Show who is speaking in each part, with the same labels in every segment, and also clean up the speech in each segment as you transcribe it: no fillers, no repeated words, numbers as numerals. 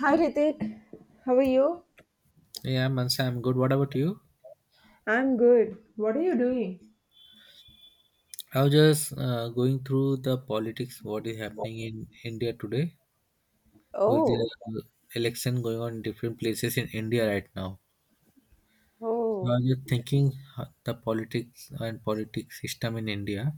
Speaker 1: Hi Ritik, how are you?
Speaker 2: Yeah, Mansa, I'm good. What about you?
Speaker 1: I'm good. What are you doing?
Speaker 2: I was just going through the politics, what is happening in India today, with the
Speaker 1: Oh,
Speaker 2: election going on in different places in India right now. So I
Speaker 1: oh.
Speaker 2: was just thinking the politics and politics system in India.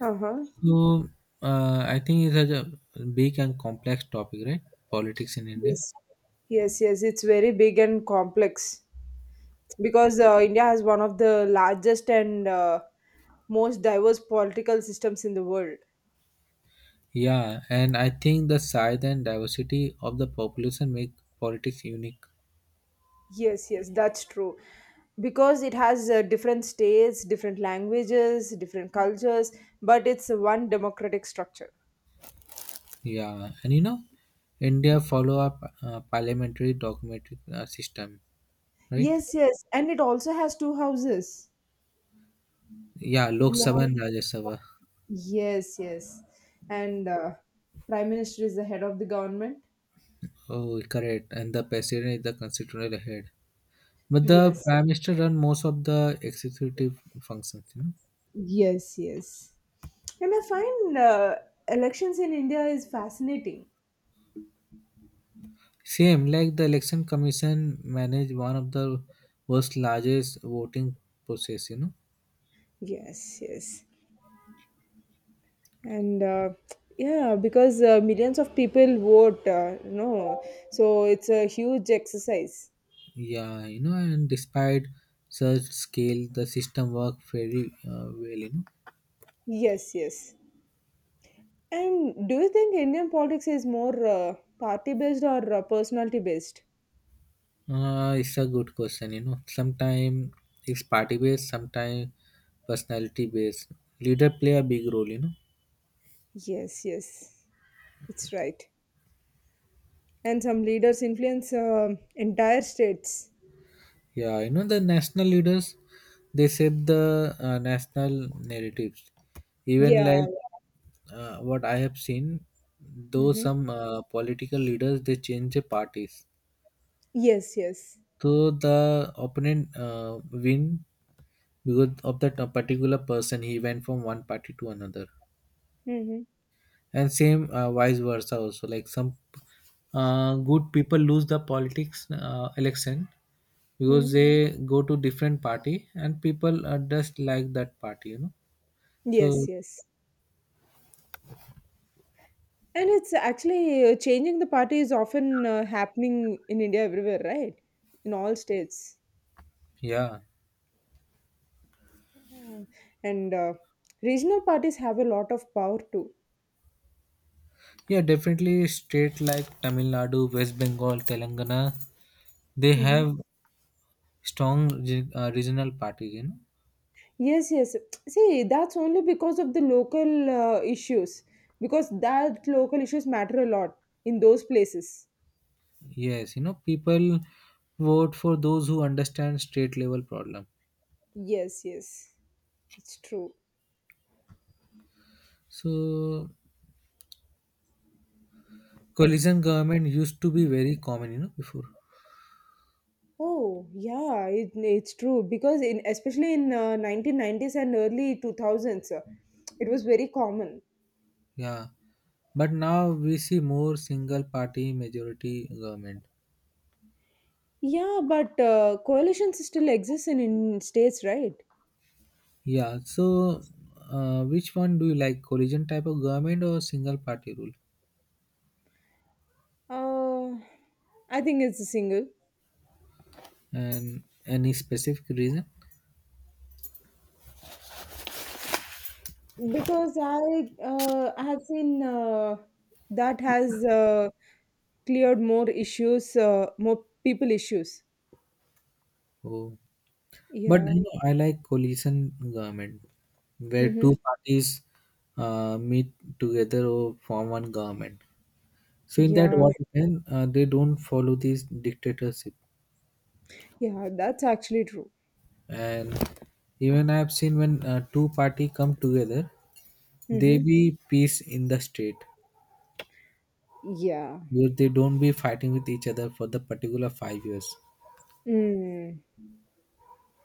Speaker 1: Uh-huh.
Speaker 2: So I think it's such a big and complex topic, right? Politics in India.
Speaker 1: Yes. Yes, yes. It's very big and complex because India has one of the largest and most diverse political systems in the world.
Speaker 2: Yeah, and I think the size and diversity of the population make politics unique.
Speaker 1: Yes, yes, that's true. Because it has different states, different languages, different cultures, but it's one democratic structure.
Speaker 2: Yeah, and you know, India follow up parliamentary documentary system, right?
Speaker 1: Yes, yes. And it also has two houses.
Speaker 2: Yeah, Lok
Speaker 1: Yeah.
Speaker 2: Sabha and Rajya Sabha.
Speaker 1: Yes, yes. And Prime Minister is the head of the government.
Speaker 2: Oh, correct. And the president is the constitutional head, but the
Speaker 1: Yes,
Speaker 2: prime minister run most of the executive functions.
Speaker 1: yes, yes. And I find elections in India is fascinating.
Speaker 2: Same like the election commission manage one of the world's largest voting process.
Speaker 1: Yes, yes. And yeah, because millions of people vote, so it's a huge exercise.
Speaker 2: Yeah, you know, and despite such scale, the system work very well. You know
Speaker 1: Yes, yes. And do you think Indian politics is more party based or personality based?
Speaker 2: Uh, it's a good question. You know, sometimes it's party based, sometimes personality based. Leader play a big role.
Speaker 1: Yes, yes. It's right. And some leaders influence entire states.
Speaker 2: Yeah. You know the national leaders, they shape the national narratives. Even like
Speaker 1: Yeah.
Speaker 2: what I have seen, though
Speaker 1: Mm-hmm.
Speaker 2: some political leaders they change the parties,
Speaker 1: Yes. Yes.
Speaker 2: so the opponent win because of that particular person. He went from one party to another.
Speaker 1: Mm-hmm.
Speaker 2: And same vice versa also, like some good people lose the politics election because
Speaker 1: Hmm.
Speaker 2: they go to different party and people are just like that party, you know, so
Speaker 1: Yes. Yes. And it's actually changing the party is often happening in India everywhere, right? In all states.
Speaker 2: yeah.
Speaker 1: Mm. And regional parties have a lot of power too.
Speaker 2: Yeah, definitely state like Tamil Nadu, West Bengal, Telangana, they
Speaker 1: Mm-hmm.
Speaker 2: have strong regional parties, you know.
Speaker 1: Yes, yes. See, that's only because of the local issues, because that local issues matter a lot in those places.
Speaker 2: Yes, you know, people vote for those who understand state level problem.
Speaker 1: Yes, yes, it's true.
Speaker 2: So coalition government used to be very common, you know, before.
Speaker 1: Oh, yeah, it's true because in especially in 1990s and early 2000s, it was very common.
Speaker 2: Yeah, but now we see more single party majority government.
Speaker 1: Yeah, but coalitions still exist in states, right?
Speaker 2: Yeah, so which one do you like, coalition type of government or single party rule?
Speaker 1: Uh, I think it's a single
Speaker 2: And any specific reason?
Speaker 1: because I have seen that has cleared more issues, more people issues.
Speaker 2: Oh, but you
Speaker 1: Yeah.
Speaker 2: know, I like coalition government where two
Speaker 1: Mm-hmm.
Speaker 2: parties meet together or form one government. So in that
Speaker 1: Yeah,
Speaker 2: what happen, they don't follow this dictatorship,
Speaker 1: yeah, that's actually true.
Speaker 2: and even I have seen when two party come together. They
Speaker 1: Mm-hmm.
Speaker 2: be peace in the state
Speaker 1: Yeah.
Speaker 2: where they don't be fighting with each other for the particular 5 years,
Speaker 1: Mm.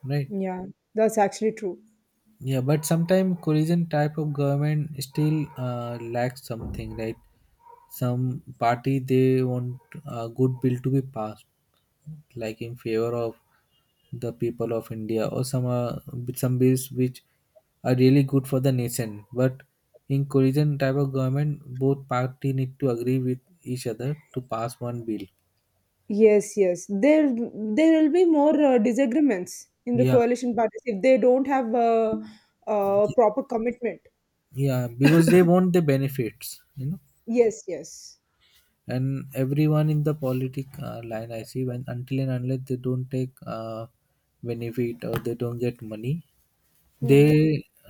Speaker 2: right?
Speaker 1: Yeah. That's actually true.
Speaker 2: Yeah, but sometimes coalition type of government still lacks something, right? Some party they want a good bill to be passed, like in favor of the people of India, or some bills which are really good for the nation. But in coalition type of government, both party need to agree with each other to pass one bill.
Speaker 1: Yes, yes. There will be more disagreements in the
Speaker 2: Yeah.
Speaker 1: coalition parties if they don't have a
Speaker 2: th-
Speaker 1: proper commitment.
Speaker 2: yeah, because they want the benefits, you know.
Speaker 1: Yes, yes.
Speaker 2: And everyone in the politic line, I see, when until and unless they don't take benefit or they don't get money, they
Speaker 1: Mm-hmm.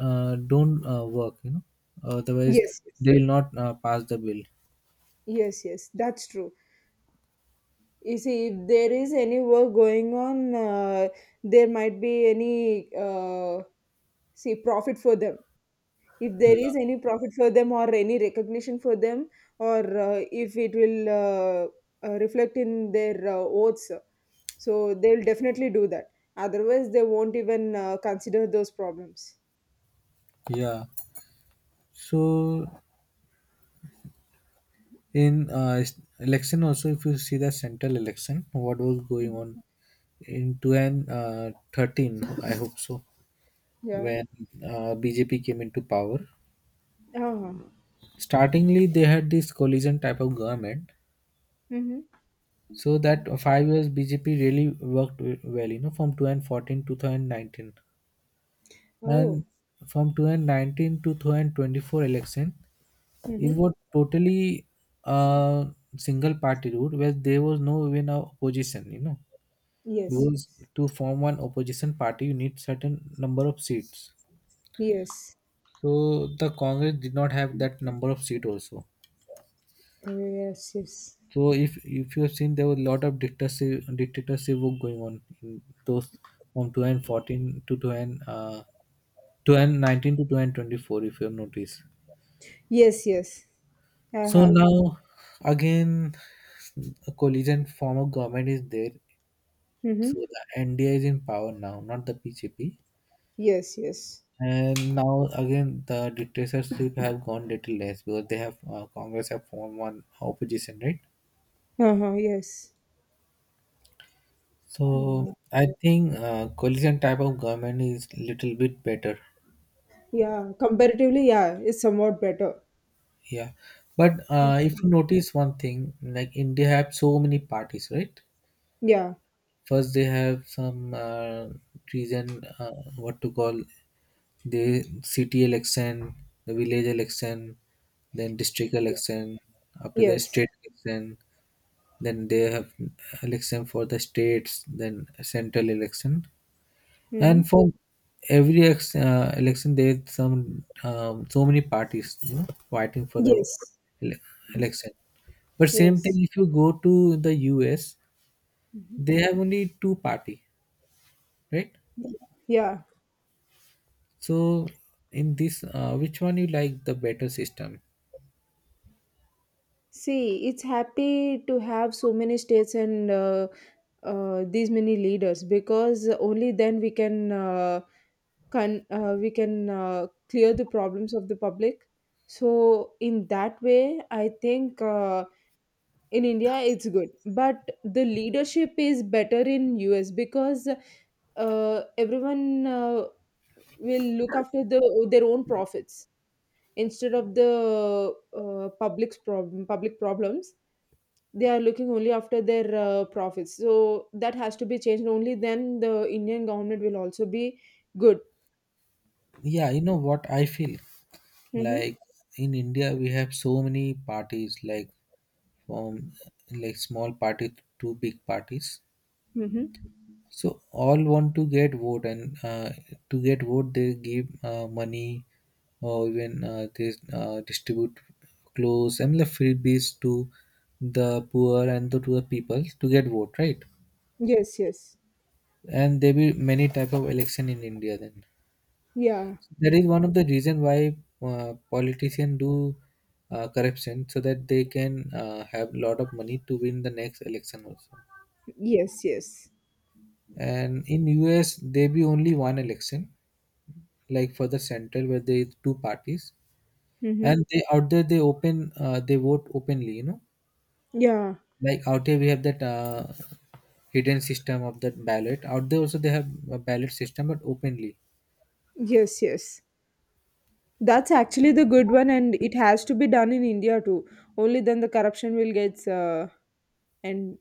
Speaker 2: don't work, you know. Otherwise
Speaker 1: Yes, yes.
Speaker 2: they will not pass the bill.
Speaker 1: Yes, yes. That's true. You see, if there is any work going on, there might be any see profit for them. If there
Speaker 2: Yeah.
Speaker 1: is any profit for them or any recognition for them, or if it will reflect in their oaths, so they'll definitely do that. Otherwise, they won't even consider those problems.
Speaker 2: Yeah. So in election also, if you see the central election what was going
Speaker 1: Mhm.
Speaker 2: on in 2013, I hope so,
Speaker 1: Yeah.
Speaker 2: when BJP came into power.
Speaker 1: Uh-huh.
Speaker 2: Startingly, they had this coalition type of government,
Speaker 1: Mm-hmm.
Speaker 2: so that 5 years BJP really worked well, you know, from 2014 to 2019, and
Speaker 1: Oh.
Speaker 2: from 2019 to 2024 election, it
Speaker 1: Mm-hmm.
Speaker 2: was totally a single party rule where there was no even a opposition, you know,
Speaker 1: Yes.
Speaker 2: because to form one opposition party you need certain number of seats.
Speaker 1: Yes.
Speaker 2: So the Congress did not have that number of seat also.
Speaker 1: Oh, yes. Yes.
Speaker 2: So if you have seen, there were a lot of dictatorship work going on in those from 2014 to 2000, 2019 to 2024, if you have noticed.
Speaker 1: Yes, yes, I
Speaker 2: So
Speaker 1: have.
Speaker 2: now again, a coalition form of government is there. So
Speaker 1: Mm-hmm.
Speaker 2: the NDA is in power now, not the PJP.
Speaker 1: Yes, yes.
Speaker 2: And now again, the dictatorship have gone little less because they have Congress have formed one opposition, right?
Speaker 1: Uh-huh, yes.
Speaker 2: So
Speaker 1: Yeah.
Speaker 2: I think coalition type of government is little bit better.
Speaker 1: Yeah, comparatively, yeah, it's somewhat better.
Speaker 2: Yeah, but if you notice one thing, like India have so many parties, right?
Speaker 1: Yeah,
Speaker 2: First they have some reason what to call, the city election, the village election, then district election, after the
Speaker 1: yes.
Speaker 2: state election, then they have election for the states, then central election.
Speaker 1: Mm-hmm.
Speaker 2: And for every election, there's some so many parties, you know, fighting for the
Speaker 1: Yes,
Speaker 2: ele- election. But same thing,
Speaker 1: yes.
Speaker 2: if you go to the US, they have only two party, right?
Speaker 1: Yeah.
Speaker 2: So in this, which one you like the better system?
Speaker 1: See, it's happy to have so many states and these many leaders because only then we can clear the problems of the public. So in that way, I think. In India it's good, but the leadership is better in US because uh, everyone will look after their own profits instead of the public problems. They are looking only after their profits. So that has to be changed. Only then the Indian government will also be good.
Speaker 2: Yeah, you know what I feel,
Speaker 1: Mm-hmm.
Speaker 2: like in India, we have so many parties, like from like small party to big parties.
Speaker 1: Mm-hmm.
Speaker 2: So all want to get vote, and to get vote, they give money, or even they distribute clothes and the freebies to the poor and to the people to get vote, right?
Speaker 1: Yes, yes.
Speaker 2: And there will be many type of election in India. Then
Speaker 1: Yeah.
Speaker 2: that is one of the reason why politicians do corruption, so that they can have lot of money to win the next election also.
Speaker 1: Yes. Yes.
Speaker 2: And in US, there be only one election, like for the center where there is two parties,
Speaker 1: Mm-hmm.
Speaker 2: and they out there they open they vote openly, you know,
Speaker 1: Yeah.
Speaker 2: like out here we have that hidden system of that ballot. Out there also they have a ballot system, but openly.
Speaker 1: Yes, yes. That's actually the good one, and it has to be done in India too. Only then the corruption will get and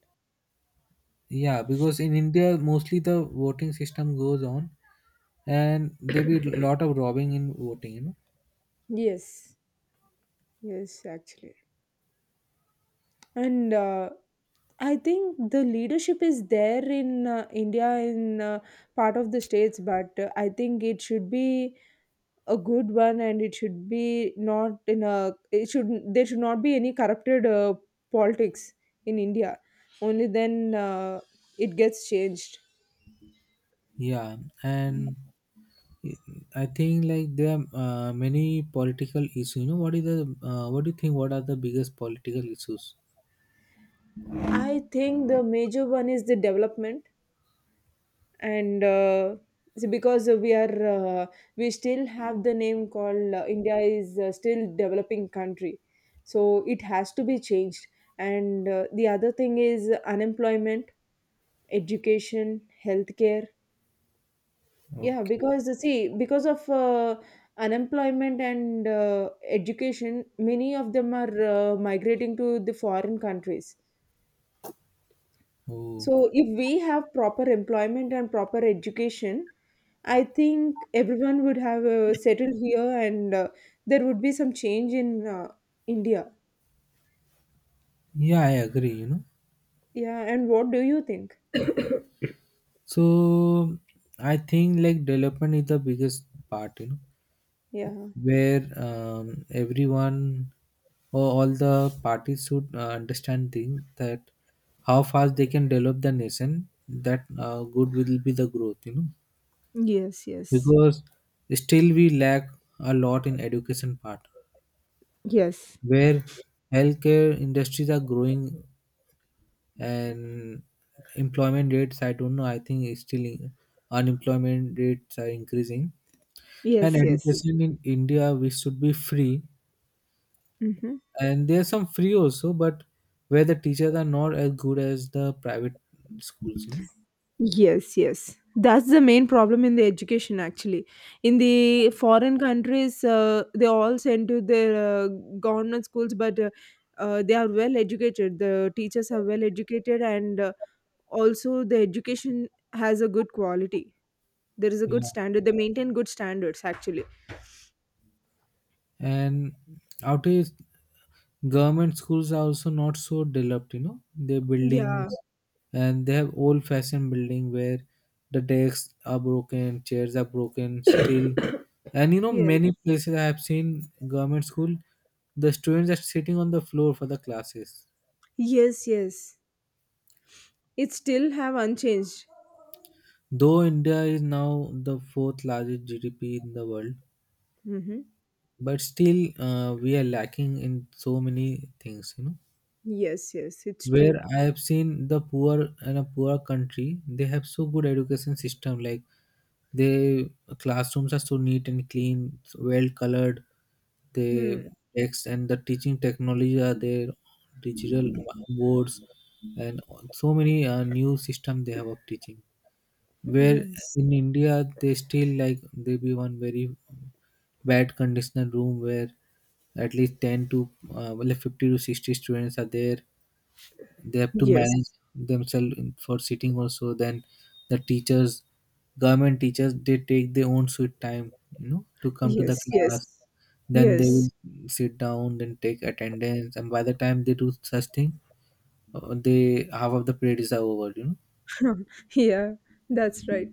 Speaker 2: Yeah, because in India mostly the voting system goes on and there be a lot of robbing in voting, you know.
Speaker 1: yes, yes, actually. And I think the leadership is there in India, in part of the states, but I think it should be a good one, and it should be not in a. It should There should not be any corrupted politics in India. Only then it gets changed.
Speaker 2: Yeah, and I think like there are many political issues, you know. What is the what do you think, what are the biggest political issues?
Speaker 1: I think the major one is the development, and see, because we still have the name called India is still developing country, so it has to be changed. And the other thing is unemployment, education, healthcare. Yeah,
Speaker 2: Okay.
Speaker 1: because see, because of unemployment and education, many of them are migrating to the foreign countries.
Speaker 2: Oh.
Speaker 1: So if we have proper employment and proper education, I think everyone would have settled here, and there would be some change in India.
Speaker 2: Yeah, I agree, you know.
Speaker 1: Yeah, and what do you think?
Speaker 2: So I think like development is the biggest part, you know,
Speaker 1: Yeah.
Speaker 2: where everyone or all the parties should understand thing that how fast they can develop the nation, that good will be the growth, you know,
Speaker 1: Yes, yes,
Speaker 2: because still we lack a lot in education part,
Speaker 1: yes,
Speaker 2: where healthcare industries are growing, and employment rates, I don't know, I think it's still unemployment rates are increasing. And
Speaker 1: yes, yes.
Speaker 2: education in India we should be free,
Speaker 1: Mm-hmm.
Speaker 2: and there are some free also, but where the teachers are not as good as the private schools, you know.
Speaker 1: Yes, yes. That's the main problem in the education, actually. In the foreign countries, they all send to their uh, government schools, but they are well educated. The teachers are well educated, and also the education has a good quality. There is a good
Speaker 2: Yeah.
Speaker 1: standard. They maintain good standards, actually.
Speaker 2: And out government schools are also not so developed, you know, their buildings,
Speaker 1: Yeah.
Speaker 2: and they have old fashioned building where the desks are broken, chairs are broken still, and you know
Speaker 1: Yes.
Speaker 2: many places I have seen government school the students are sitting on the floor for the classes.
Speaker 1: Yes. Yes. It still have unchanged.
Speaker 2: Though India is now the fourth largest GDP in the world,
Speaker 1: Mm-hmm.
Speaker 2: but still we are lacking in so many things, you know,
Speaker 1: Yes. Yes. It's
Speaker 2: where
Speaker 1: true.
Speaker 2: I have seen the poor in a poor country, they have so good education system. Like they classrooms are so neat and clean, so well colored. They
Speaker 1: Hmm.
Speaker 2: text and the teaching technology are there, digital boards, and so many new system they have of teaching. Where
Speaker 1: Yes.
Speaker 2: in India they still like they be one very bad conditional room where at least 10 to 50 to 60 students are there, they have to manage
Speaker 1: Yes.
Speaker 2: themselves for sitting also. Then the teachers, government teachers, they take their own sweet time, you know, to come to the
Speaker 1: Yes,
Speaker 2: class,
Speaker 1: yes,
Speaker 2: then they
Speaker 1: yes.
Speaker 2: will sit down, then take attendance, and by the time they do such thing, they half of the period is over, you know.
Speaker 1: Yeah, that's right.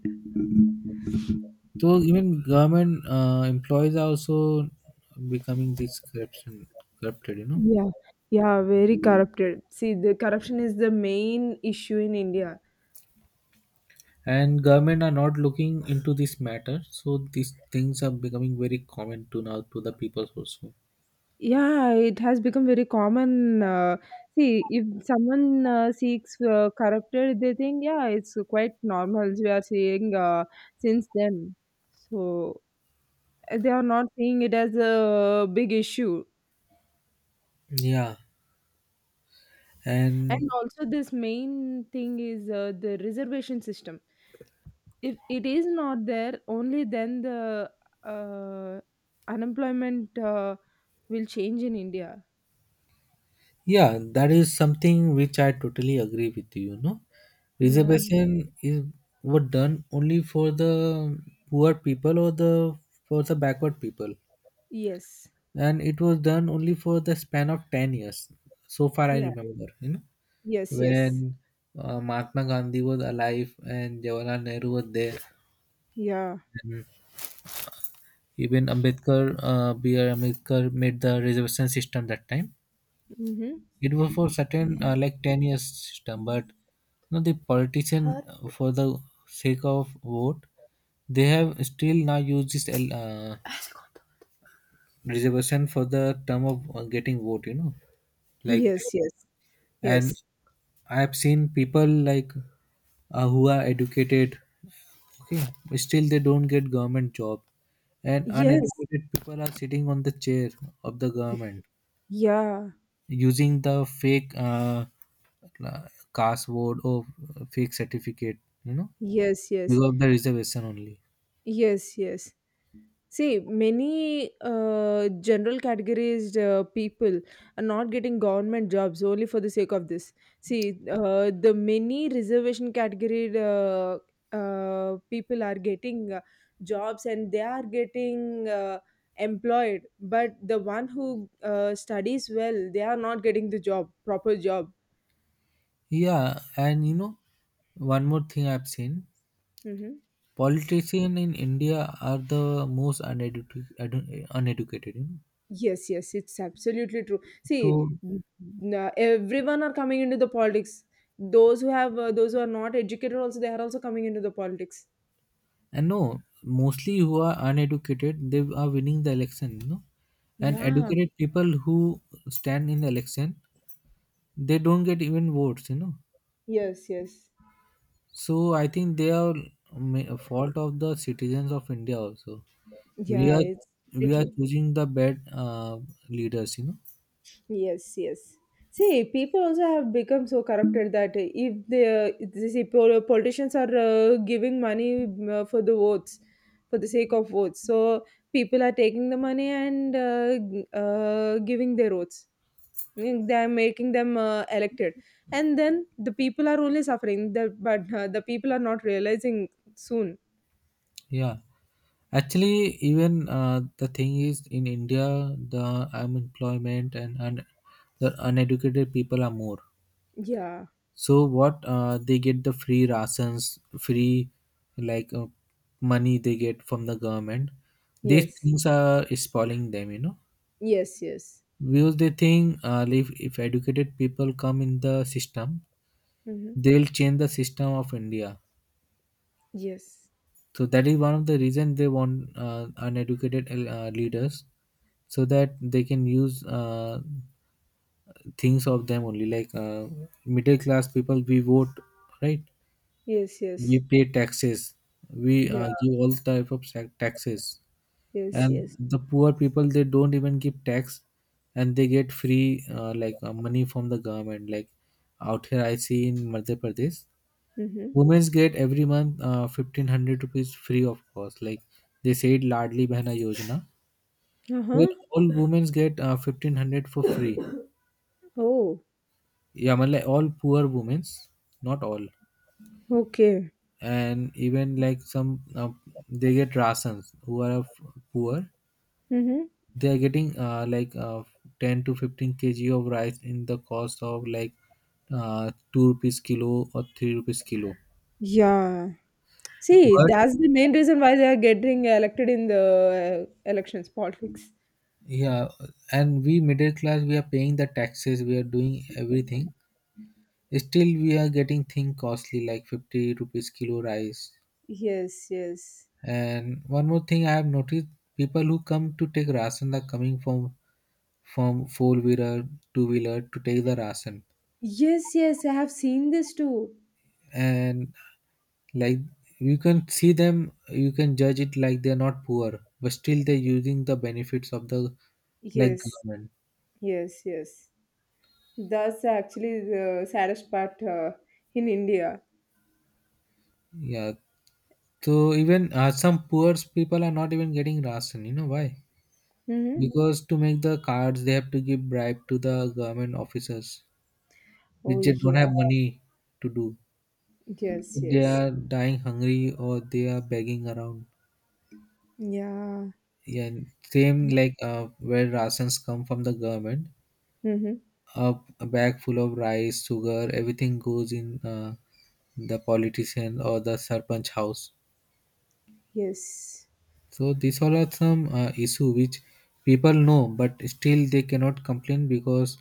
Speaker 2: So even government employees are also becoming this corruption corrupted, you know.
Speaker 1: Yeah, yeah, very corrupted. See, the corruption is the main issue in India.
Speaker 2: And government are not looking into this matter, so these things are becoming very common to now to the people also.
Speaker 1: Yeah, it has become very common. See, if someone seeks corrupted, they think, yeah, it's quite normal. We are seeing since then. So they are not seeing it as a big issue.
Speaker 2: Yeah,
Speaker 1: And
Speaker 2: and
Speaker 1: also, this main thing is the reservation system. If it is not there, only then the uh, unemployment will change in India.
Speaker 2: yeah, that is something which I totally agree with you. No,
Speaker 1: Yeah.
Speaker 2: reservation is were done only for the poor people or the for the backward people,
Speaker 1: Yes.
Speaker 2: and it was done only for the span of 10 years. So far, I
Speaker 1: Yeah.
Speaker 2: remember, you know,
Speaker 1: Yes,
Speaker 2: when
Speaker 1: yes.
Speaker 2: Mahatma Gandhi was alive and Jawaharlal Nehru was there,
Speaker 1: Yeah.
Speaker 2: and even Ambedkar, B. R. Ambedkar made the reservation system that time.
Speaker 1: Mm-hmm.
Speaker 2: It was for certain like 10 years system, but you know, the politician for the sake of vote, they have still now used this reservation for the term of getting vote. You know, like,
Speaker 1: Yes, yes.
Speaker 2: and
Speaker 1: Yes,
Speaker 2: I have seen people like who are educated, okay, still they don't get government job, and
Speaker 1: yes.
Speaker 2: uneducated people are sitting on the chair of the government,
Speaker 1: Yeah.
Speaker 2: using the fake la- password or fake certificate, you know,
Speaker 1: Yes, yes.
Speaker 2: because of the reservation only.
Speaker 1: Yes, yes. See, many general categorized people are not getting government jobs only for the sake of this. See, the many reservation category people are getting jobs, and they are getting employed, but the one who studies well, they are not getting the job, proper job.
Speaker 2: Yeah, and you know one more thing I've seen,
Speaker 1: Mm-hmm.
Speaker 2: politicians in India are the most uneducated, you know.
Speaker 1: Yes, yes, it's absolutely true. See,
Speaker 2: So,
Speaker 1: everyone are coming into the politics. Those who are not educated, also they are also coming into the politics.
Speaker 2: and no, mostly who are uneducated they are winning the election, you know, and
Speaker 1: Yeah.
Speaker 2: educated people who stand in the election they don't get even votes, you know.
Speaker 1: Yes, yes.
Speaker 2: So I think they are fault of the citizens of India also. We
Speaker 1: Yeah,
Speaker 2: are
Speaker 1: it's
Speaker 2: we
Speaker 1: pretty
Speaker 2: are
Speaker 1: true.
Speaker 2: choosing the bad leaders, you know.
Speaker 1: Yes, yes. See, people also have become so corrupted that if the see, pol- politicians are giving money for the votes, for the sake of votes, so people are taking the money and giving their votes. They're making them elected, and then the people are only suffering but the people are not realizing soon.
Speaker 2: Yeah, actually, even the thing is in India, the unemployment and the uneducated people are more.
Speaker 1: Yeah.
Speaker 2: So what they get the free rations, free like uh, money they get from the government. These
Speaker 1: Yes,
Speaker 2: things are spoiling them, you know.
Speaker 1: yes. Yes.
Speaker 2: Views they think if educated people come in the system,
Speaker 1: Mm-hmm.
Speaker 2: they'll change the system of India.
Speaker 1: Yes,
Speaker 2: So that is one of the reason they want uneducated leaders so that they can use things of them only middle class people we vote, right.
Speaker 1: yes.
Speaker 2: We
Speaker 1: Yes.
Speaker 2: pay taxes. We
Speaker 1: Yeah.
Speaker 2: give all type of taxes,
Speaker 1: Yes,
Speaker 2: and
Speaker 1: yes.
Speaker 2: the poor people they don't even give tax, and they get free money from the government. Like, out here I see in Madhya Pradesh,
Speaker 1: Mm-hmm.
Speaker 2: women get every month 1500 rupees free of cost. Like, they said Ladli Behna Yojana, where
Speaker 1: Uh-huh.
Speaker 2: all women get 1500 for free.
Speaker 1: Oh.
Speaker 2: Yeah, matlab all poor women, not all.
Speaker 1: Okay.
Speaker 2: And even like some they get rations who are poor.
Speaker 1: Mm-hmm.
Speaker 2: They are getting 10 to 15 kg of rice in the cost of 2 rupees kilo or 3 rupees kilo.
Speaker 1: Yeah, see,
Speaker 2: But
Speaker 1: that's the main reason why they are getting elected in the elections politics.
Speaker 2: yeah, and we middle class, we are paying the taxes, we are doing everything, still we are getting thing costly like 50 rupees kilo rice.
Speaker 1: Yes, yes.
Speaker 2: And one more thing I have noticed, people who come to take rasan are coming from four wheeler, two wheeler to take the rasan.
Speaker 1: Yes, yes. I have seen this too.
Speaker 2: And like, you can see them, you can judge it like they're not poor, but still they're using the benefits of the, like,
Speaker 1: Yes.
Speaker 2: government.
Speaker 1: Yes, yes. That's actually the saddest part in India.
Speaker 2: Yeah, so even some poor people are not even getting ration, you know why?
Speaker 1: Mm-hmm.
Speaker 2: Because to make the cards they have to give bribe to the government officers, which
Speaker 1: Oh
Speaker 2: they don't
Speaker 1: yeah.
Speaker 2: have money to do.
Speaker 1: Yes,
Speaker 2: They
Speaker 1: yes.
Speaker 2: are dying hungry or they are begging around.
Speaker 1: Yeah.
Speaker 2: Yeah, and same where rations come from the government,
Speaker 1: Mm-hmm.
Speaker 2: a, a bag full of rice, sugar, everything goes in the politician or the sarpanch house.
Speaker 1: Yes.
Speaker 2: So these all are some issue which people know, but still they cannot complain because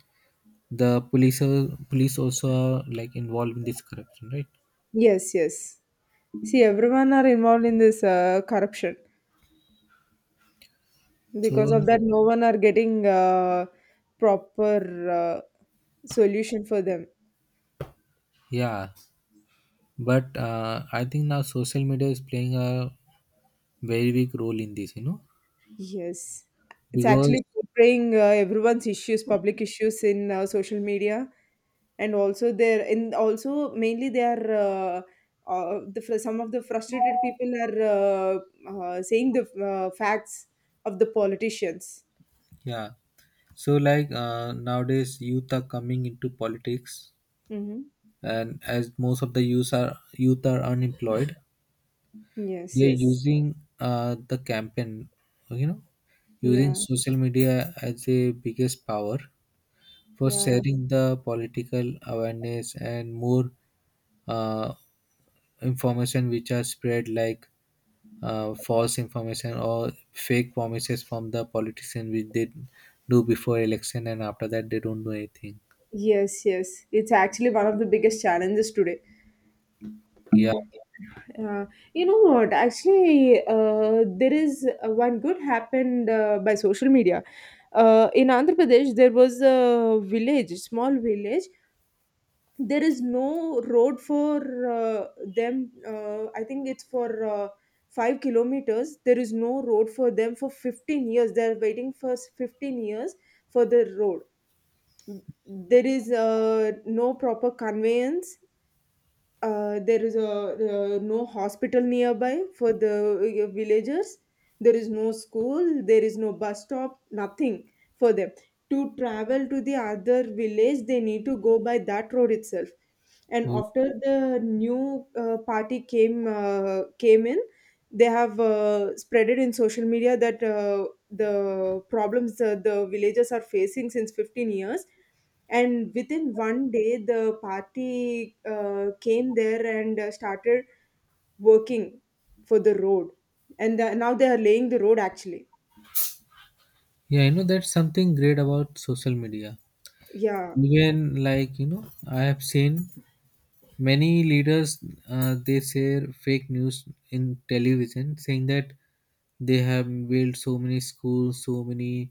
Speaker 2: the police also are like involved in this corruption, right?
Speaker 1: Yes, yes. See, everyone are involved in this corruption.
Speaker 2: So
Speaker 1: Because of that, no one are getting proper solution for them.
Speaker 2: yeah, but I think now social media is playing a very big role in this, you know,
Speaker 1: Yes, it's
Speaker 2: because
Speaker 1: actually portraying everyone's issues, public issues in social media, and also there, in also mainly they are some of the frustrated people are saying the facts of the politicians.
Speaker 2: yeah. So like nowadays youth are coming into politics,
Speaker 1: Hmm.
Speaker 2: and as most of the youth are, youth are unemployed,
Speaker 1: Yes,
Speaker 2: they're
Speaker 1: yes,
Speaker 2: using the campaign, you know, using
Speaker 1: yeah,
Speaker 2: social media as a biggest power for
Speaker 1: yeah,
Speaker 2: sharing the political awareness and more uh, information which are spread like false information or fake promises from the politician, which they do before election and after that they don't do anything.
Speaker 1: yes, yes. It's actually one of the biggest challenges today.
Speaker 2: Yeah.
Speaker 1: Uh, you know what? Actually, there is one good happened by social media. In Andhra Pradesh, there was a village, small village. There is no road for them. I think it's for 5 kilometers. There is no road for them for 15 years. They are waiting for 15 years for the road. There is no proper conveyance. There is a no hospital nearby for the villagers. There is no school, there is no bus stop, nothing for them. To travel to the other village, they need to go by that road itself. And
Speaker 2: Oh,
Speaker 1: after the new party came in, they have spread it in social media that the problems that the villagers are facing since 15 years. And within one day, the party came there and started working for the road. And now they are laying the road, actually.
Speaker 2: yeah, I know that's something great about social media.
Speaker 1: Yeah.
Speaker 2: Even like, you know, I have seen many leaders. They share fake news in television, saying that they have built so many schools, so many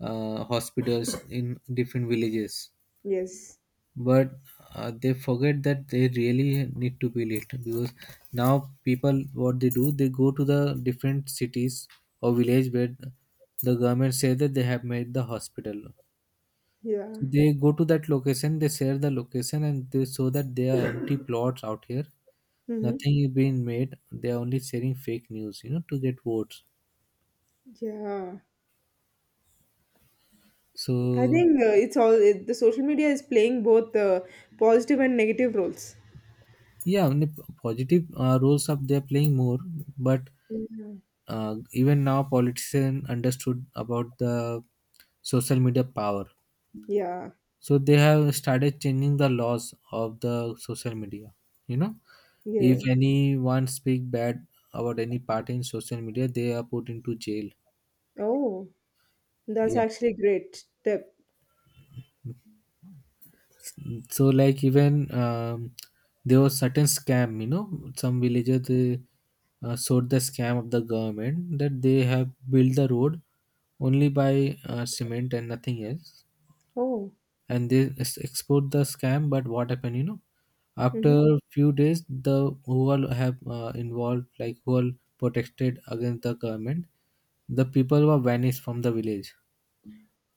Speaker 2: hospitals in different villages.
Speaker 1: Yes.
Speaker 2: But they forget that they really need to build it, because now people, what they do, they go to the different cities or village where the government says that they have made the hospital,
Speaker 1: Yeah.
Speaker 2: they go to that location, they share the location, and they show that there are empty plots out here.
Speaker 1: Mm-hmm.
Speaker 2: Nothing is being made. They are only sharing fake news, you know, to get votes.
Speaker 1: Yeah, I
Speaker 2: So
Speaker 1: think the social media is playing both positive and negative roles.
Speaker 2: yeah, only positive roles up they are playing more. But
Speaker 1: Yeah.
Speaker 2: uh, even now, politicians understood about the social media power.
Speaker 1: Yeah.
Speaker 2: So they have started changing the laws of the social media. You know, if
Speaker 1: Yeah.
Speaker 2: anyone speak bad about any party in social media, they are put into jail.
Speaker 1: Oh, that's actually great step.
Speaker 2: So like even there was certain scam, you know, some villagers they sold the scam of the government that they have built the road only by cement and nothing else,
Speaker 1: Oh.
Speaker 2: and they export the scam. But what happened, you know, after
Speaker 1: Mm-hmm.
Speaker 2: few days, the who all have involved, like who all protested against the government, the people were vanished from the village.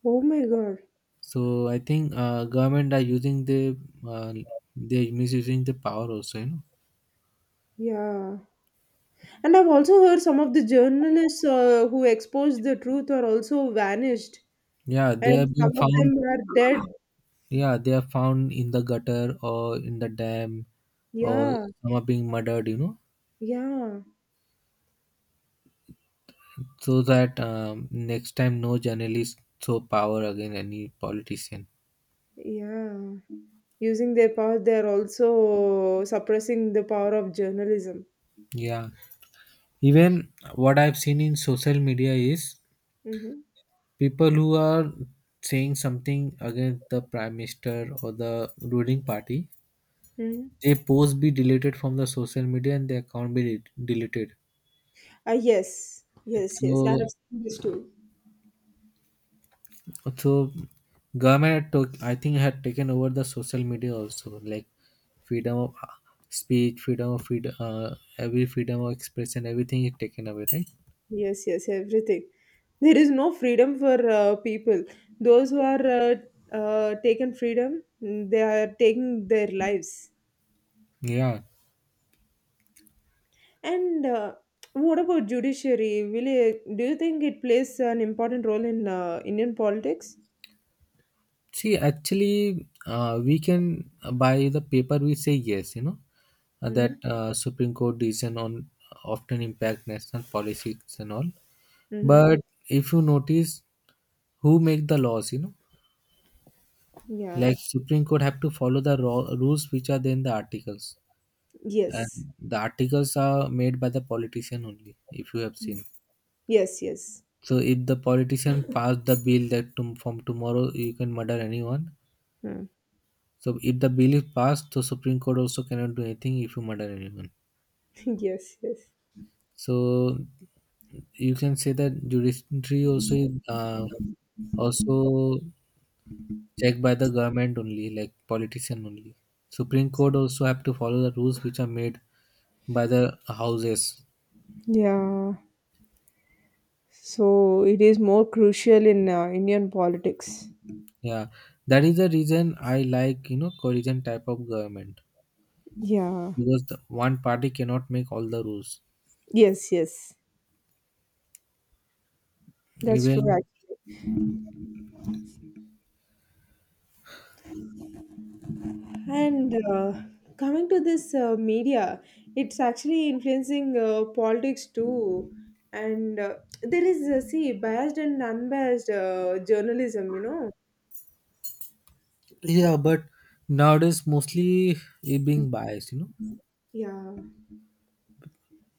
Speaker 1: Oh my god.
Speaker 2: So I think government are using the uh, they misusing the power also, you know.
Speaker 1: Yeah. And I've also heard some of the journalists who exposed the truth are also vanished,
Speaker 2: Yeah, they
Speaker 1: and
Speaker 2: have
Speaker 1: some
Speaker 2: been
Speaker 1: of
Speaker 2: found.
Speaker 1: them are dead.
Speaker 2: Yeah, they are found in the gutter or in the dam, or
Speaker 1: Yeah,
Speaker 2: some are being murdered. You know,
Speaker 1: yeah,
Speaker 2: so that next time no journalist show power again any politician.
Speaker 1: yeah. Using their power, they're also suppressing the power of journalism.
Speaker 2: Yeah, even what I've seen in social media is
Speaker 1: Mm-hmm.
Speaker 2: people who are saying something against the prime minister or the ruling party.
Speaker 1: Hmm.
Speaker 2: They post be deleted from the social media and the account be deleted.
Speaker 1: Ah, yes, yes, yes. I have
Speaker 2: So,
Speaker 1: seen this too.
Speaker 2: so government took, I think, had taken over the social media also, like freedom of speech, freedom of freedom, every freedom of expression, everything is taken away, right?
Speaker 1: Yes, yes, everything. There is no freedom for people. Those who are taken freedom, they are taking their lives.
Speaker 2: Yeah.
Speaker 1: And what about judiciary? Do you think it plays an important role in Indian politics?
Speaker 2: See, actually, we can by the paper we say yes, you know,
Speaker 1: Mm-hmm.
Speaker 2: that Supreme Court decision on often impact national policies and all.
Speaker 1: Mm-hmm.
Speaker 2: But if you notice, who make the laws, you know, like
Speaker 1: Yeah.
Speaker 2: Supreme Court have to follow the rules which are there in the articles, and
Speaker 1: Yes.
Speaker 2: the articles are made by the politician only, if you have seen.
Speaker 1: Yes. Yes.
Speaker 2: So if the politician passed the bill that from tomorrow you can murder anyone,
Speaker 1: Hmm.
Speaker 2: so if the bill is passed, so Supreme Court also cannot do anything if you murder anyone.
Speaker 1: Yes. Yes.
Speaker 2: So you can say that judiciary also is, also checked by the government only, like politician only. Supreme Court also have to follow the rules which are made by the houses.
Speaker 1: Yeah. So it is more crucial in Indian politics.
Speaker 2: Yeah, that is the reason I like, you know, coalition type of government,
Speaker 1: Yeah.
Speaker 2: because the one party cannot make all the rules.
Speaker 1: Yes. Yes. That's true.
Speaker 2: Even
Speaker 1: Actually. And coming to this media, it's actually influencing politics too. And there is, see, biased and unbiased journalism, you know?
Speaker 2: yeah, but nowadays mostly it being biased, you know.
Speaker 1: Yeah.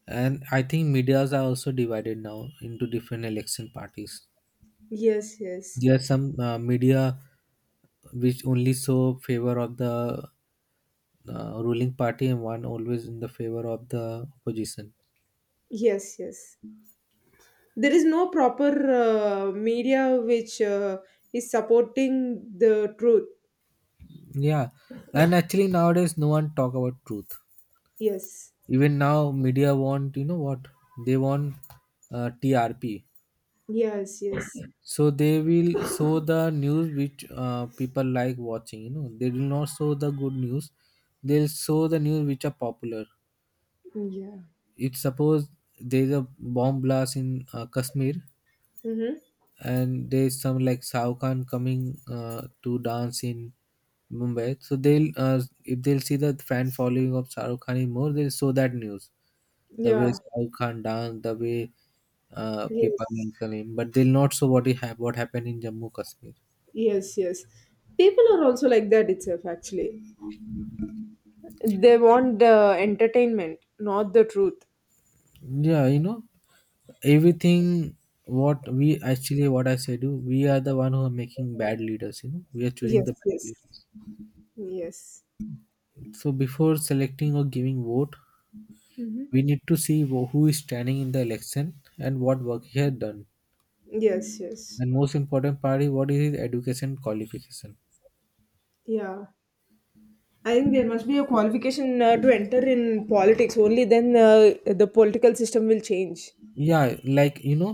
Speaker 2: And I think medias are also divided now into different election parties.
Speaker 1: Yes, yes.
Speaker 2: There are some media which only show favor of the ruling party and one always in the favor of the opposition.
Speaker 1: Yes, yes. There is no proper media which is supporting the truth.
Speaker 2: Yeah, and actually nowadays no one talk about truth.
Speaker 1: Yes.
Speaker 2: Even now media want, you know what they want, TRP.
Speaker 1: Yes, yes.
Speaker 2: So they will show the news which people like watching, you know, they will not show the good news, they'll show the news which are popular.
Speaker 1: Yeah.
Speaker 2: If suppose there is a bomb blast in Kashmir,
Speaker 1: Mm-hmm.
Speaker 2: and there's some like Shao Khan coming to dance in Mumbai. So they'll if they'll see the fan following of Shah Rukh Khan is more, they'll show that news. The way
Speaker 1: Yeah.
Speaker 2: Shah Rukh Khan dance, the way people
Speaker 1: Yes.
Speaker 2: mention him, but they'll not show what he what happened in Jammu Kashmir.
Speaker 1: Yes, yes. People are also like that itself, actually. They want the entertainment, not the truth.
Speaker 2: Yeah, you know everything. What we actually, what I say, do, we are the one who are making bad leaders. You know, we are choosing
Speaker 1: Yes,
Speaker 2: the bad
Speaker 1: yes,
Speaker 2: leaders.
Speaker 1: yes.
Speaker 2: So before selecting or giving vote,
Speaker 1: Hmm.
Speaker 2: we need to see who is standing in the election and what work he has done.
Speaker 1: Yes, yes.
Speaker 2: And most important part is what is his education qualification.
Speaker 1: Yeah. I think there must be a qualification to enter in politics. Only then the political system will change.
Speaker 2: Yeah, like you know,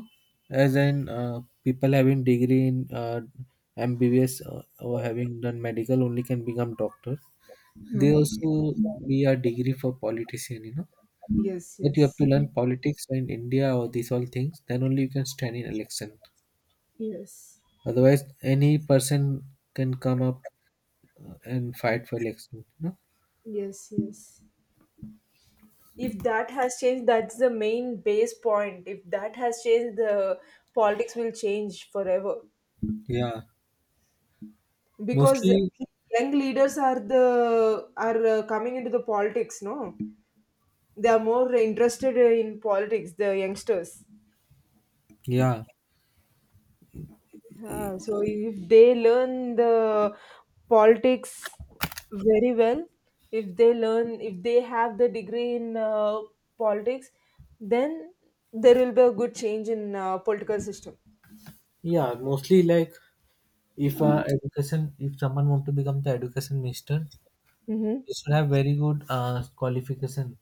Speaker 2: as in people having degree in MBBS or having done medical only can become doctor. They
Speaker 1: Mhm.
Speaker 2: also be a degree for politician. You know
Speaker 1: Yes,
Speaker 2: that you have
Speaker 1: yes.
Speaker 2: to learn politics in India or these all things. Then only you can stand in election.
Speaker 1: Yes.
Speaker 2: Otherwise, any person can come up and fight for election. You know?
Speaker 1: Yes, yes. If that has changed, that's the main base point. If that has changed, the politics will change forever.
Speaker 2: Yeah.
Speaker 1: Because
Speaker 2: Mostly,
Speaker 1: young leaders are coming into the politics, no? They are more interested in politics, the youngsters.
Speaker 2: yeah.
Speaker 1: Yeah, so if they learn the politics very well, if they learn, if they have the degree in politics, then there will be a good change in political system.
Speaker 2: Yeah, mostly like if education, if someone want to become the education minister,
Speaker 1: Mm-hmm.
Speaker 2: they should have very good qualification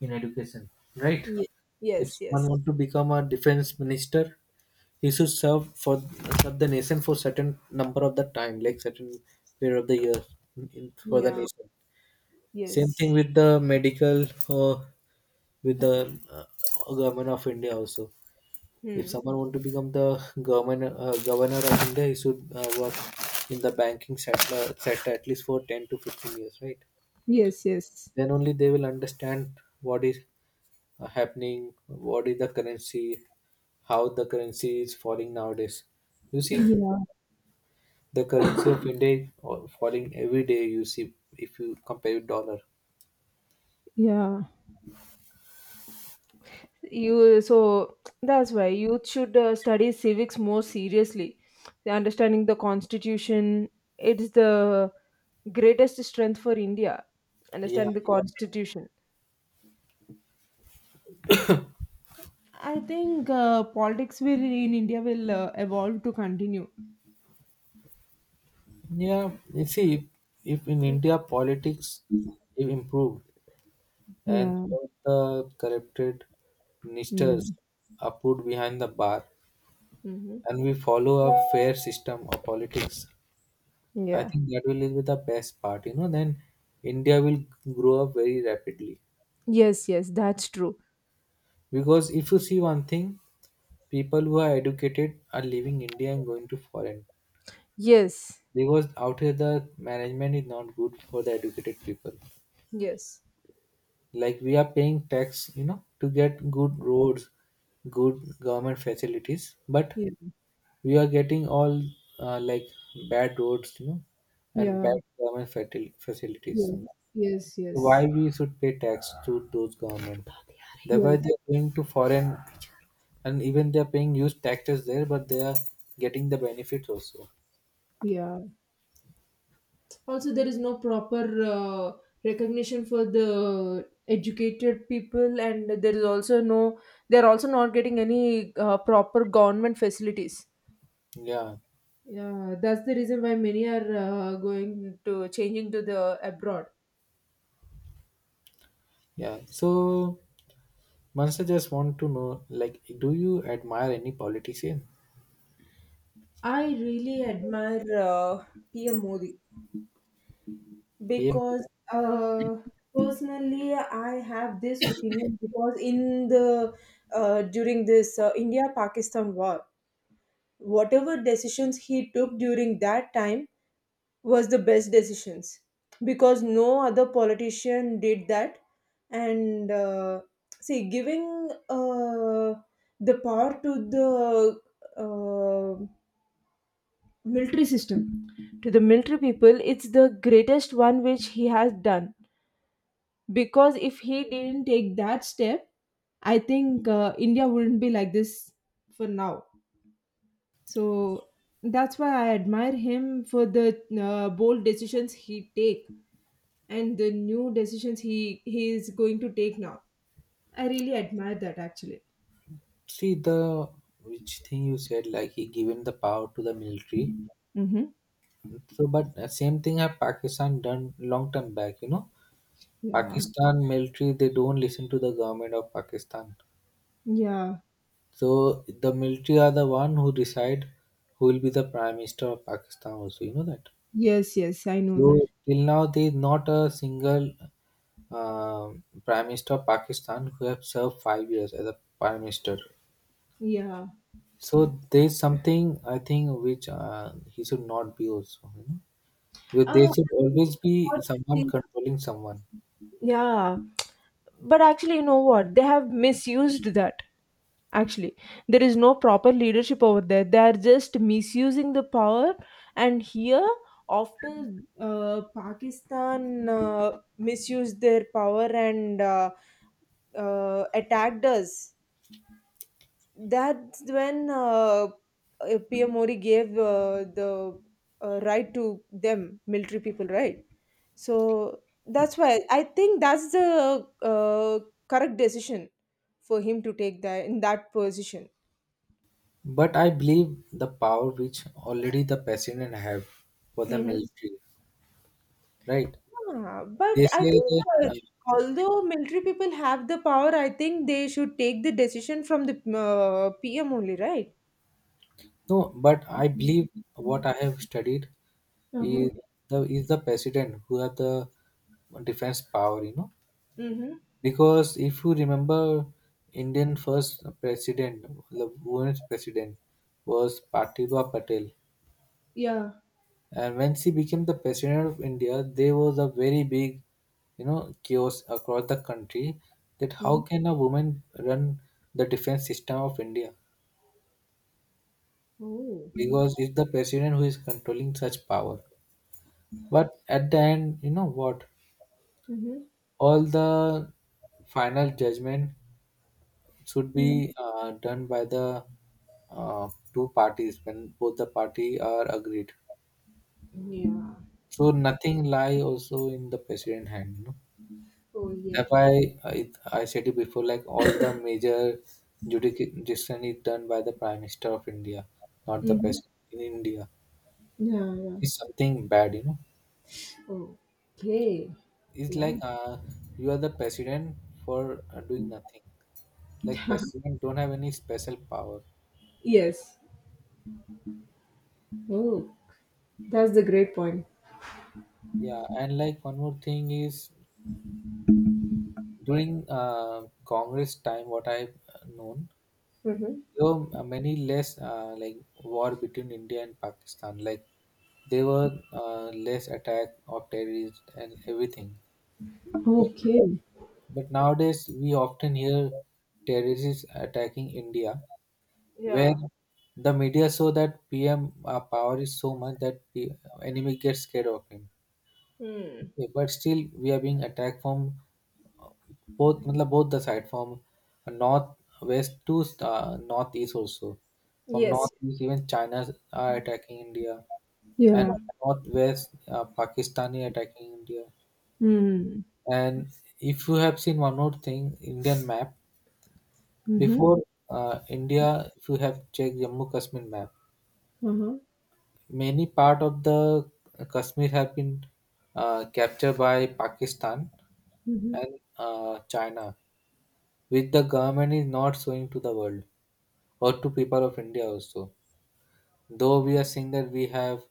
Speaker 2: in education, right?
Speaker 1: Ye-
Speaker 2: If
Speaker 1: yes,
Speaker 2: someone
Speaker 1: yes.
Speaker 2: want to become a defense minister, he should serve for, serve the nation for certain number of the time, like certain period of the year in, for the
Speaker 1: Yeah.
Speaker 2: nation. Same thing
Speaker 1: Yes.
Speaker 2: with the medical or with the government of India also. If
Speaker 1: Hmm.
Speaker 2: someone want to become the governor, governor of India, he should work in the banking sector, sector at least for 10 to 15 years, right?
Speaker 1: Yes, yes.
Speaker 2: Then only they will understand what is happening, what is the currency, how the currency is falling nowadays. You see,
Speaker 1: Yeah,
Speaker 2: the currency of India is falling every day. You see, if you compare with dollar,
Speaker 1: yeah. you so that's why youth should study civics more seriously. The understanding the constitution, it's the greatest strength for India.
Speaker 2: yeah,
Speaker 1: Understand the constitution. I think politics will in India will evolve to continue.
Speaker 2: yeah. You see, if in India politics, it improved and
Speaker 1: Yeah.
Speaker 2: all the corrupted ministers
Speaker 1: Mm.
Speaker 2: are put behind the bar, and
Speaker 1: Hmm.
Speaker 2: we follow a fair system of politics, I
Speaker 1: Yeah.
Speaker 2: think that will be the best part, you know. Then India will grow up very rapidly,
Speaker 1: Yes, yes, that's true.
Speaker 2: because if you see one thing, people who are educated are leaving India and going to foreign,
Speaker 1: Yes.
Speaker 2: because out here the management is not good for the educated people.
Speaker 1: Yes.
Speaker 2: Like, we are paying tax, you know, to get good roads, good government facilities, but
Speaker 1: Yeah.
Speaker 2: we are getting all uh, like bad roads, you know, and
Speaker 1: Yeah.
Speaker 2: bad government facilities. So
Speaker 1: Yeah. Yes,
Speaker 2: why
Speaker 1: yes.
Speaker 2: we should pay tax to those government? Thereby
Speaker 1: Yes.
Speaker 2: they're going to foreign, and even they're paying huge taxes there, but they are getting the benefits also.
Speaker 1: Yeah. Also, there is no proper recognition for the educated people, and there is also no, they're also not getting any proper government facilities.
Speaker 2: Yeah,
Speaker 1: Yeah, that's the reason why many are going to changing to the abroad.
Speaker 2: yeah. So, Mansa just want to know, like, do you admire any politician?
Speaker 1: I really admire PM Modi
Speaker 2: PM.
Speaker 1: because personally I have this opinion, because in the during this India Pakistan war, whatever decisions he took during that time was the best decisions, because no other politician did that. And see, giving the power to the uh, military system, to the military people, it's the greatest one which he has done. Because if he didn't take that step, I think India wouldn't be like this for now. So that's why I admire him for the bold decisions he take, and the new decisions he is going to take now. I really admire that, actually.
Speaker 2: See the which thing you said, like he given the power to the military.
Speaker 1: Mm-hmm.
Speaker 2: So, but same thing have Pakistan done long time back. You know,
Speaker 1: Yeah.
Speaker 2: Pakistan military they don't listen to the government of Pakistan.
Speaker 1: Yeah.
Speaker 2: So the military are the one who decide who will be the prime minister of Pakistan. Also, you know that.
Speaker 1: Yes, yes, I know that.
Speaker 2: So till now there is not a single prime minister of Pakistan who have served 5 years as a prime minister.
Speaker 1: Yeah.
Speaker 2: So there is something I think which he should not be also. You know, because there should
Speaker 1: Actually,
Speaker 2: always be
Speaker 1: what
Speaker 2: someone
Speaker 1: they-
Speaker 2: controlling someone.
Speaker 1: yeah. But actually, you know what? They have misused that. Actually, there is no proper leadership over there. They are just misusing the power. And here, after Pakistan misused their power and attacked us, that's when PM Modi gave the right to them, military people, right? So that's why I think that's the correct decision for him to take that in that position.
Speaker 2: But I believe the power which already the president have for the
Speaker 1: Mhm.
Speaker 2: military, right?
Speaker 1: Yeah, but
Speaker 2: They
Speaker 1: I
Speaker 2: say
Speaker 1: think
Speaker 2: that
Speaker 1: uh, although military people have the power, I think they should take the decision from the PM only, right?
Speaker 2: No, but I believe what I have studied
Speaker 1: Uh-huh.
Speaker 2: is the president who have the defense power, you know.
Speaker 1: Mm-hmm.
Speaker 2: Because if you remember, Indian first president, the women's president was Pratibha Patel.
Speaker 1: Yeah.
Speaker 2: And when she became the president of India, there was a very big, you know, chaos across the country, that how
Speaker 1: Mm-hmm.
Speaker 2: can a woman run the defense system of India?
Speaker 1: Oh.
Speaker 2: Because it's the president who is controlling such power. But at the end, you know what?
Speaker 1: Mm-hmm.
Speaker 2: All the final judgment should
Speaker 1: Mm-hmm.
Speaker 2: be done by the two parties when both the party are agreed.
Speaker 1: Yeah.
Speaker 2: So nothing lie also in the president hand. You know?
Speaker 1: Oh, yeah.
Speaker 2: That's why I said it before, like all the major jurisdiction is done by the Prime Minister of India, not the
Speaker 1: Mm-hmm.
Speaker 2: President in India.
Speaker 1: Yeah, yeah.
Speaker 2: It's something bad, you know.
Speaker 1: Okay.
Speaker 2: It's like
Speaker 1: Yeah.
Speaker 2: you are the President for doing nothing. Like President don't have any special power.
Speaker 1: Yes. Oh, that's the great point.
Speaker 2: Yeah, and like one more thing is during Congress time, what I've known,
Speaker 1: Mm-hmm.
Speaker 2: there were many less like war between India and Pakistan. Like there were less attack of terrorists and everything. But,
Speaker 1: Okay.
Speaker 2: but nowadays we often hear terrorists attacking India, where
Speaker 1: Yeah.
Speaker 2: the media show that PM power is so much that the enemy gets scared of him.
Speaker 1: Hmm.
Speaker 2: Yeah, but still we are being attacked from uh, both मतलब both the side, from north west to northeast also. From
Speaker 1: Yes.
Speaker 2: northeast even China are attacking India, and
Speaker 1: Yeah.
Speaker 2: northwest Pakistani attacking India.
Speaker 1: Hmm.
Speaker 2: And if you have seen one more thing, Indian map
Speaker 1: Mm-hmm.
Speaker 2: before, India if you have checked Jammu Kashmir map,
Speaker 1: Uh-huh.
Speaker 2: many part of the Kashmir have been captured by Pakistan
Speaker 1: Mhm.
Speaker 2: and China, which the government is not showing to the world or to people of India also. Though we are seeing that we have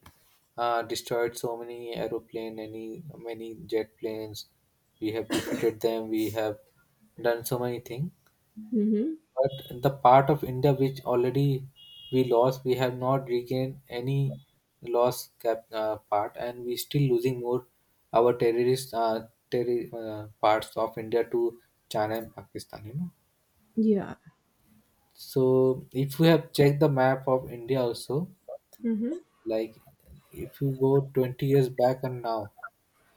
Speaker 2: destroyed so many aeroplane, any many jet planes, we have defeated them, we have done so many things.
Speaker 1: Mhm.
Speaker 2: But the part of India which already we lost, we have not regained any lost part, and we still losing more our parts of India to China and Pakistan. You know.
Speaker 1: Yeah.
Speaker 2: So if we have checked the map of India also,
Speaker 1: Mhm.
Speaker 2: like if you go 20 years back and now,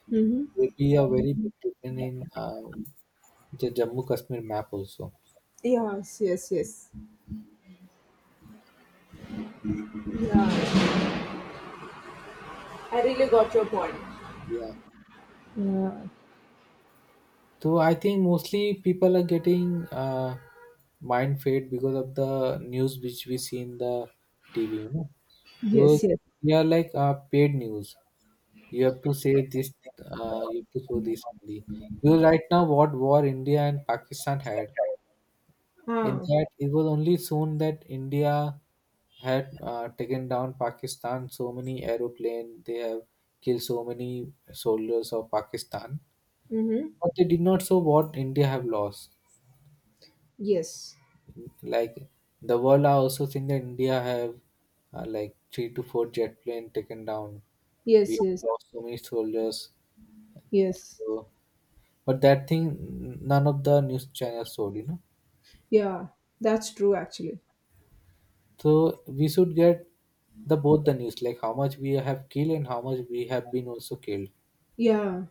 Speaker 1: Mhm.
Speaker 2: there will be a very big difference in the Jammu Kashmir map also.
Speaker 1: Yes, yes, yes. Yeah, I really got your point.
Speaker 2: Yeah.
Speaker 1: Yeah.
Speaker 2: So I think mostly people are getting mind fade because of the news which we see in the TV. You know, because
Speaker 1: Yes, yes.
Speaker 2: they are like paid news. You have to say this. You have to show this only. Because right now, what war India and Pakistan had, in
Speaker 1: Ah.
Speaker 2: that, it was only soon that India had taken down Pakistan so many aeroplanes, they have killed so many soldiers of Pakistan.
Speaker 1: Mm-hmm.
Speaker 2: But they did not show what India have lost.
Speaker 1: Yes.
Speaker 2: Like the world I also think that India have like 3 to 4 jet plane taken down. We
Speaker 1: Yes,
Speaker 2: have
Speaker 1: yes.
Speaker 2: lost so many soldiers.
Speaker 1: Yes.
Speaker 2: So, but that thing, none of the news channels told, you know.
Speaker 1: Yeah. That's true, actually.
Speaker 2: So we should get the both the news, like how much we have killed and how much we have been also killed.
Speaker 1: Yeah.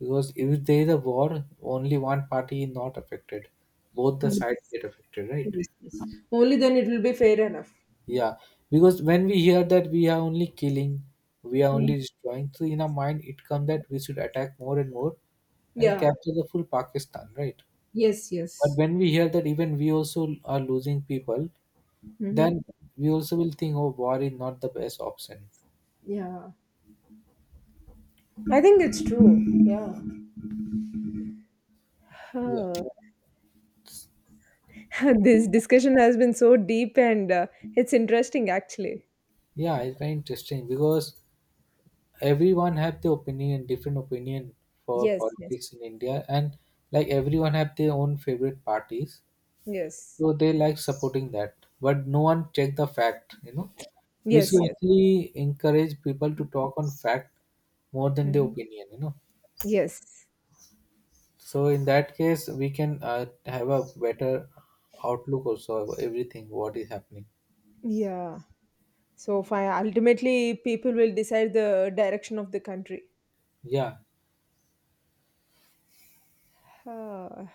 Speaker 2: Because if there is a war, only one party is not affected. Both the
Speaker 1: Yes,
Speaker 2: sides get affected, right?
Speaker 1: yes, yes. Only then it will be fair enough.
Speaker 2: Yeah. Because when we hear that we are only killing, we are
Speaker 1: Mm.
Speaker 2: only destroying, so in our mind it comes that we should attack more and more and
Speaker 1: Yeah.
Speaker 2: capture the full Pakistan, right?
Speaker 1: Yes,
Speaker 2: But
Speaker 1: yes.
Speaker 2: when we hear that even we also are losing people,
Speaker 1: Mm-hmm.
Speaker 2: then we also will think, oh, war is not the best option.
Speaker 1: Yeah. I think it's true. Yeah.
Speaker 2: Yeah.
Speaker 1: Huh. This discussion has been so deep, and it's interesting, actually.
Speaker 2: Yeah, it's very interesting because everyone have the opinion, different opinion for
Speaker 1: Yes, yes,
Speaker 2: politics in India, and like everyone have their own favorite parties,
Speaker 1: yes,
Speaker 2: so they like supporting that. But no one check the fact, you know. We
Speaker 1: yes,
Speaker 2: should
Speaker 1: yes.
Speaker 2: actually encourage people to talk on fact more than the
Speaker 1: Mhm.
Speaker 2: opinion, you know.
Speaker 1: Yes.
Speaker 2: So in that case, we can have a better outlook also of everything what is happening.
Speaker 1: Yeah. So, ultimately, people will decide the direction of the country.
Speaker 2: Yeah.
Speaker 1: Ah,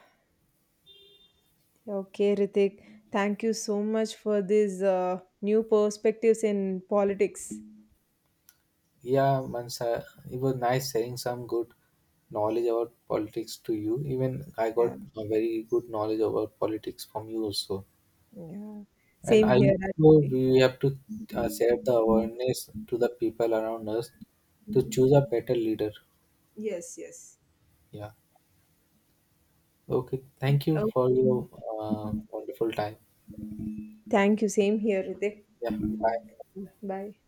Speaker 1: okay, Ritik. Thank you so much for these new perspectives in politics.
Speaker 2: Yeah, Mansa, it was nice sharing some good knowledge about politics to you. Even I
Speaker 1: Yeah,
Speaker 2: got a very good knowledge about politics from you also.
Speaker 1: yeah.
Speaker 2: And
Speaker 1: Same
Speaker 2: I
Speaker 1: here,
Speaker 2: also
Speaker 1: actually.
Speaker 2: we have to share the awareness to the people around us to choose a better leader.
Speaker 1: Yes, yes.
Speaker 2: Yeah. Okay. Thank you for
Speaker 1: Okay.
Speaker 2: your wonderful time.
Speaker 1: Thank you. Same here, Ritik.
Speaker 2: Yeah. Bye.
Speaker 1: Bye.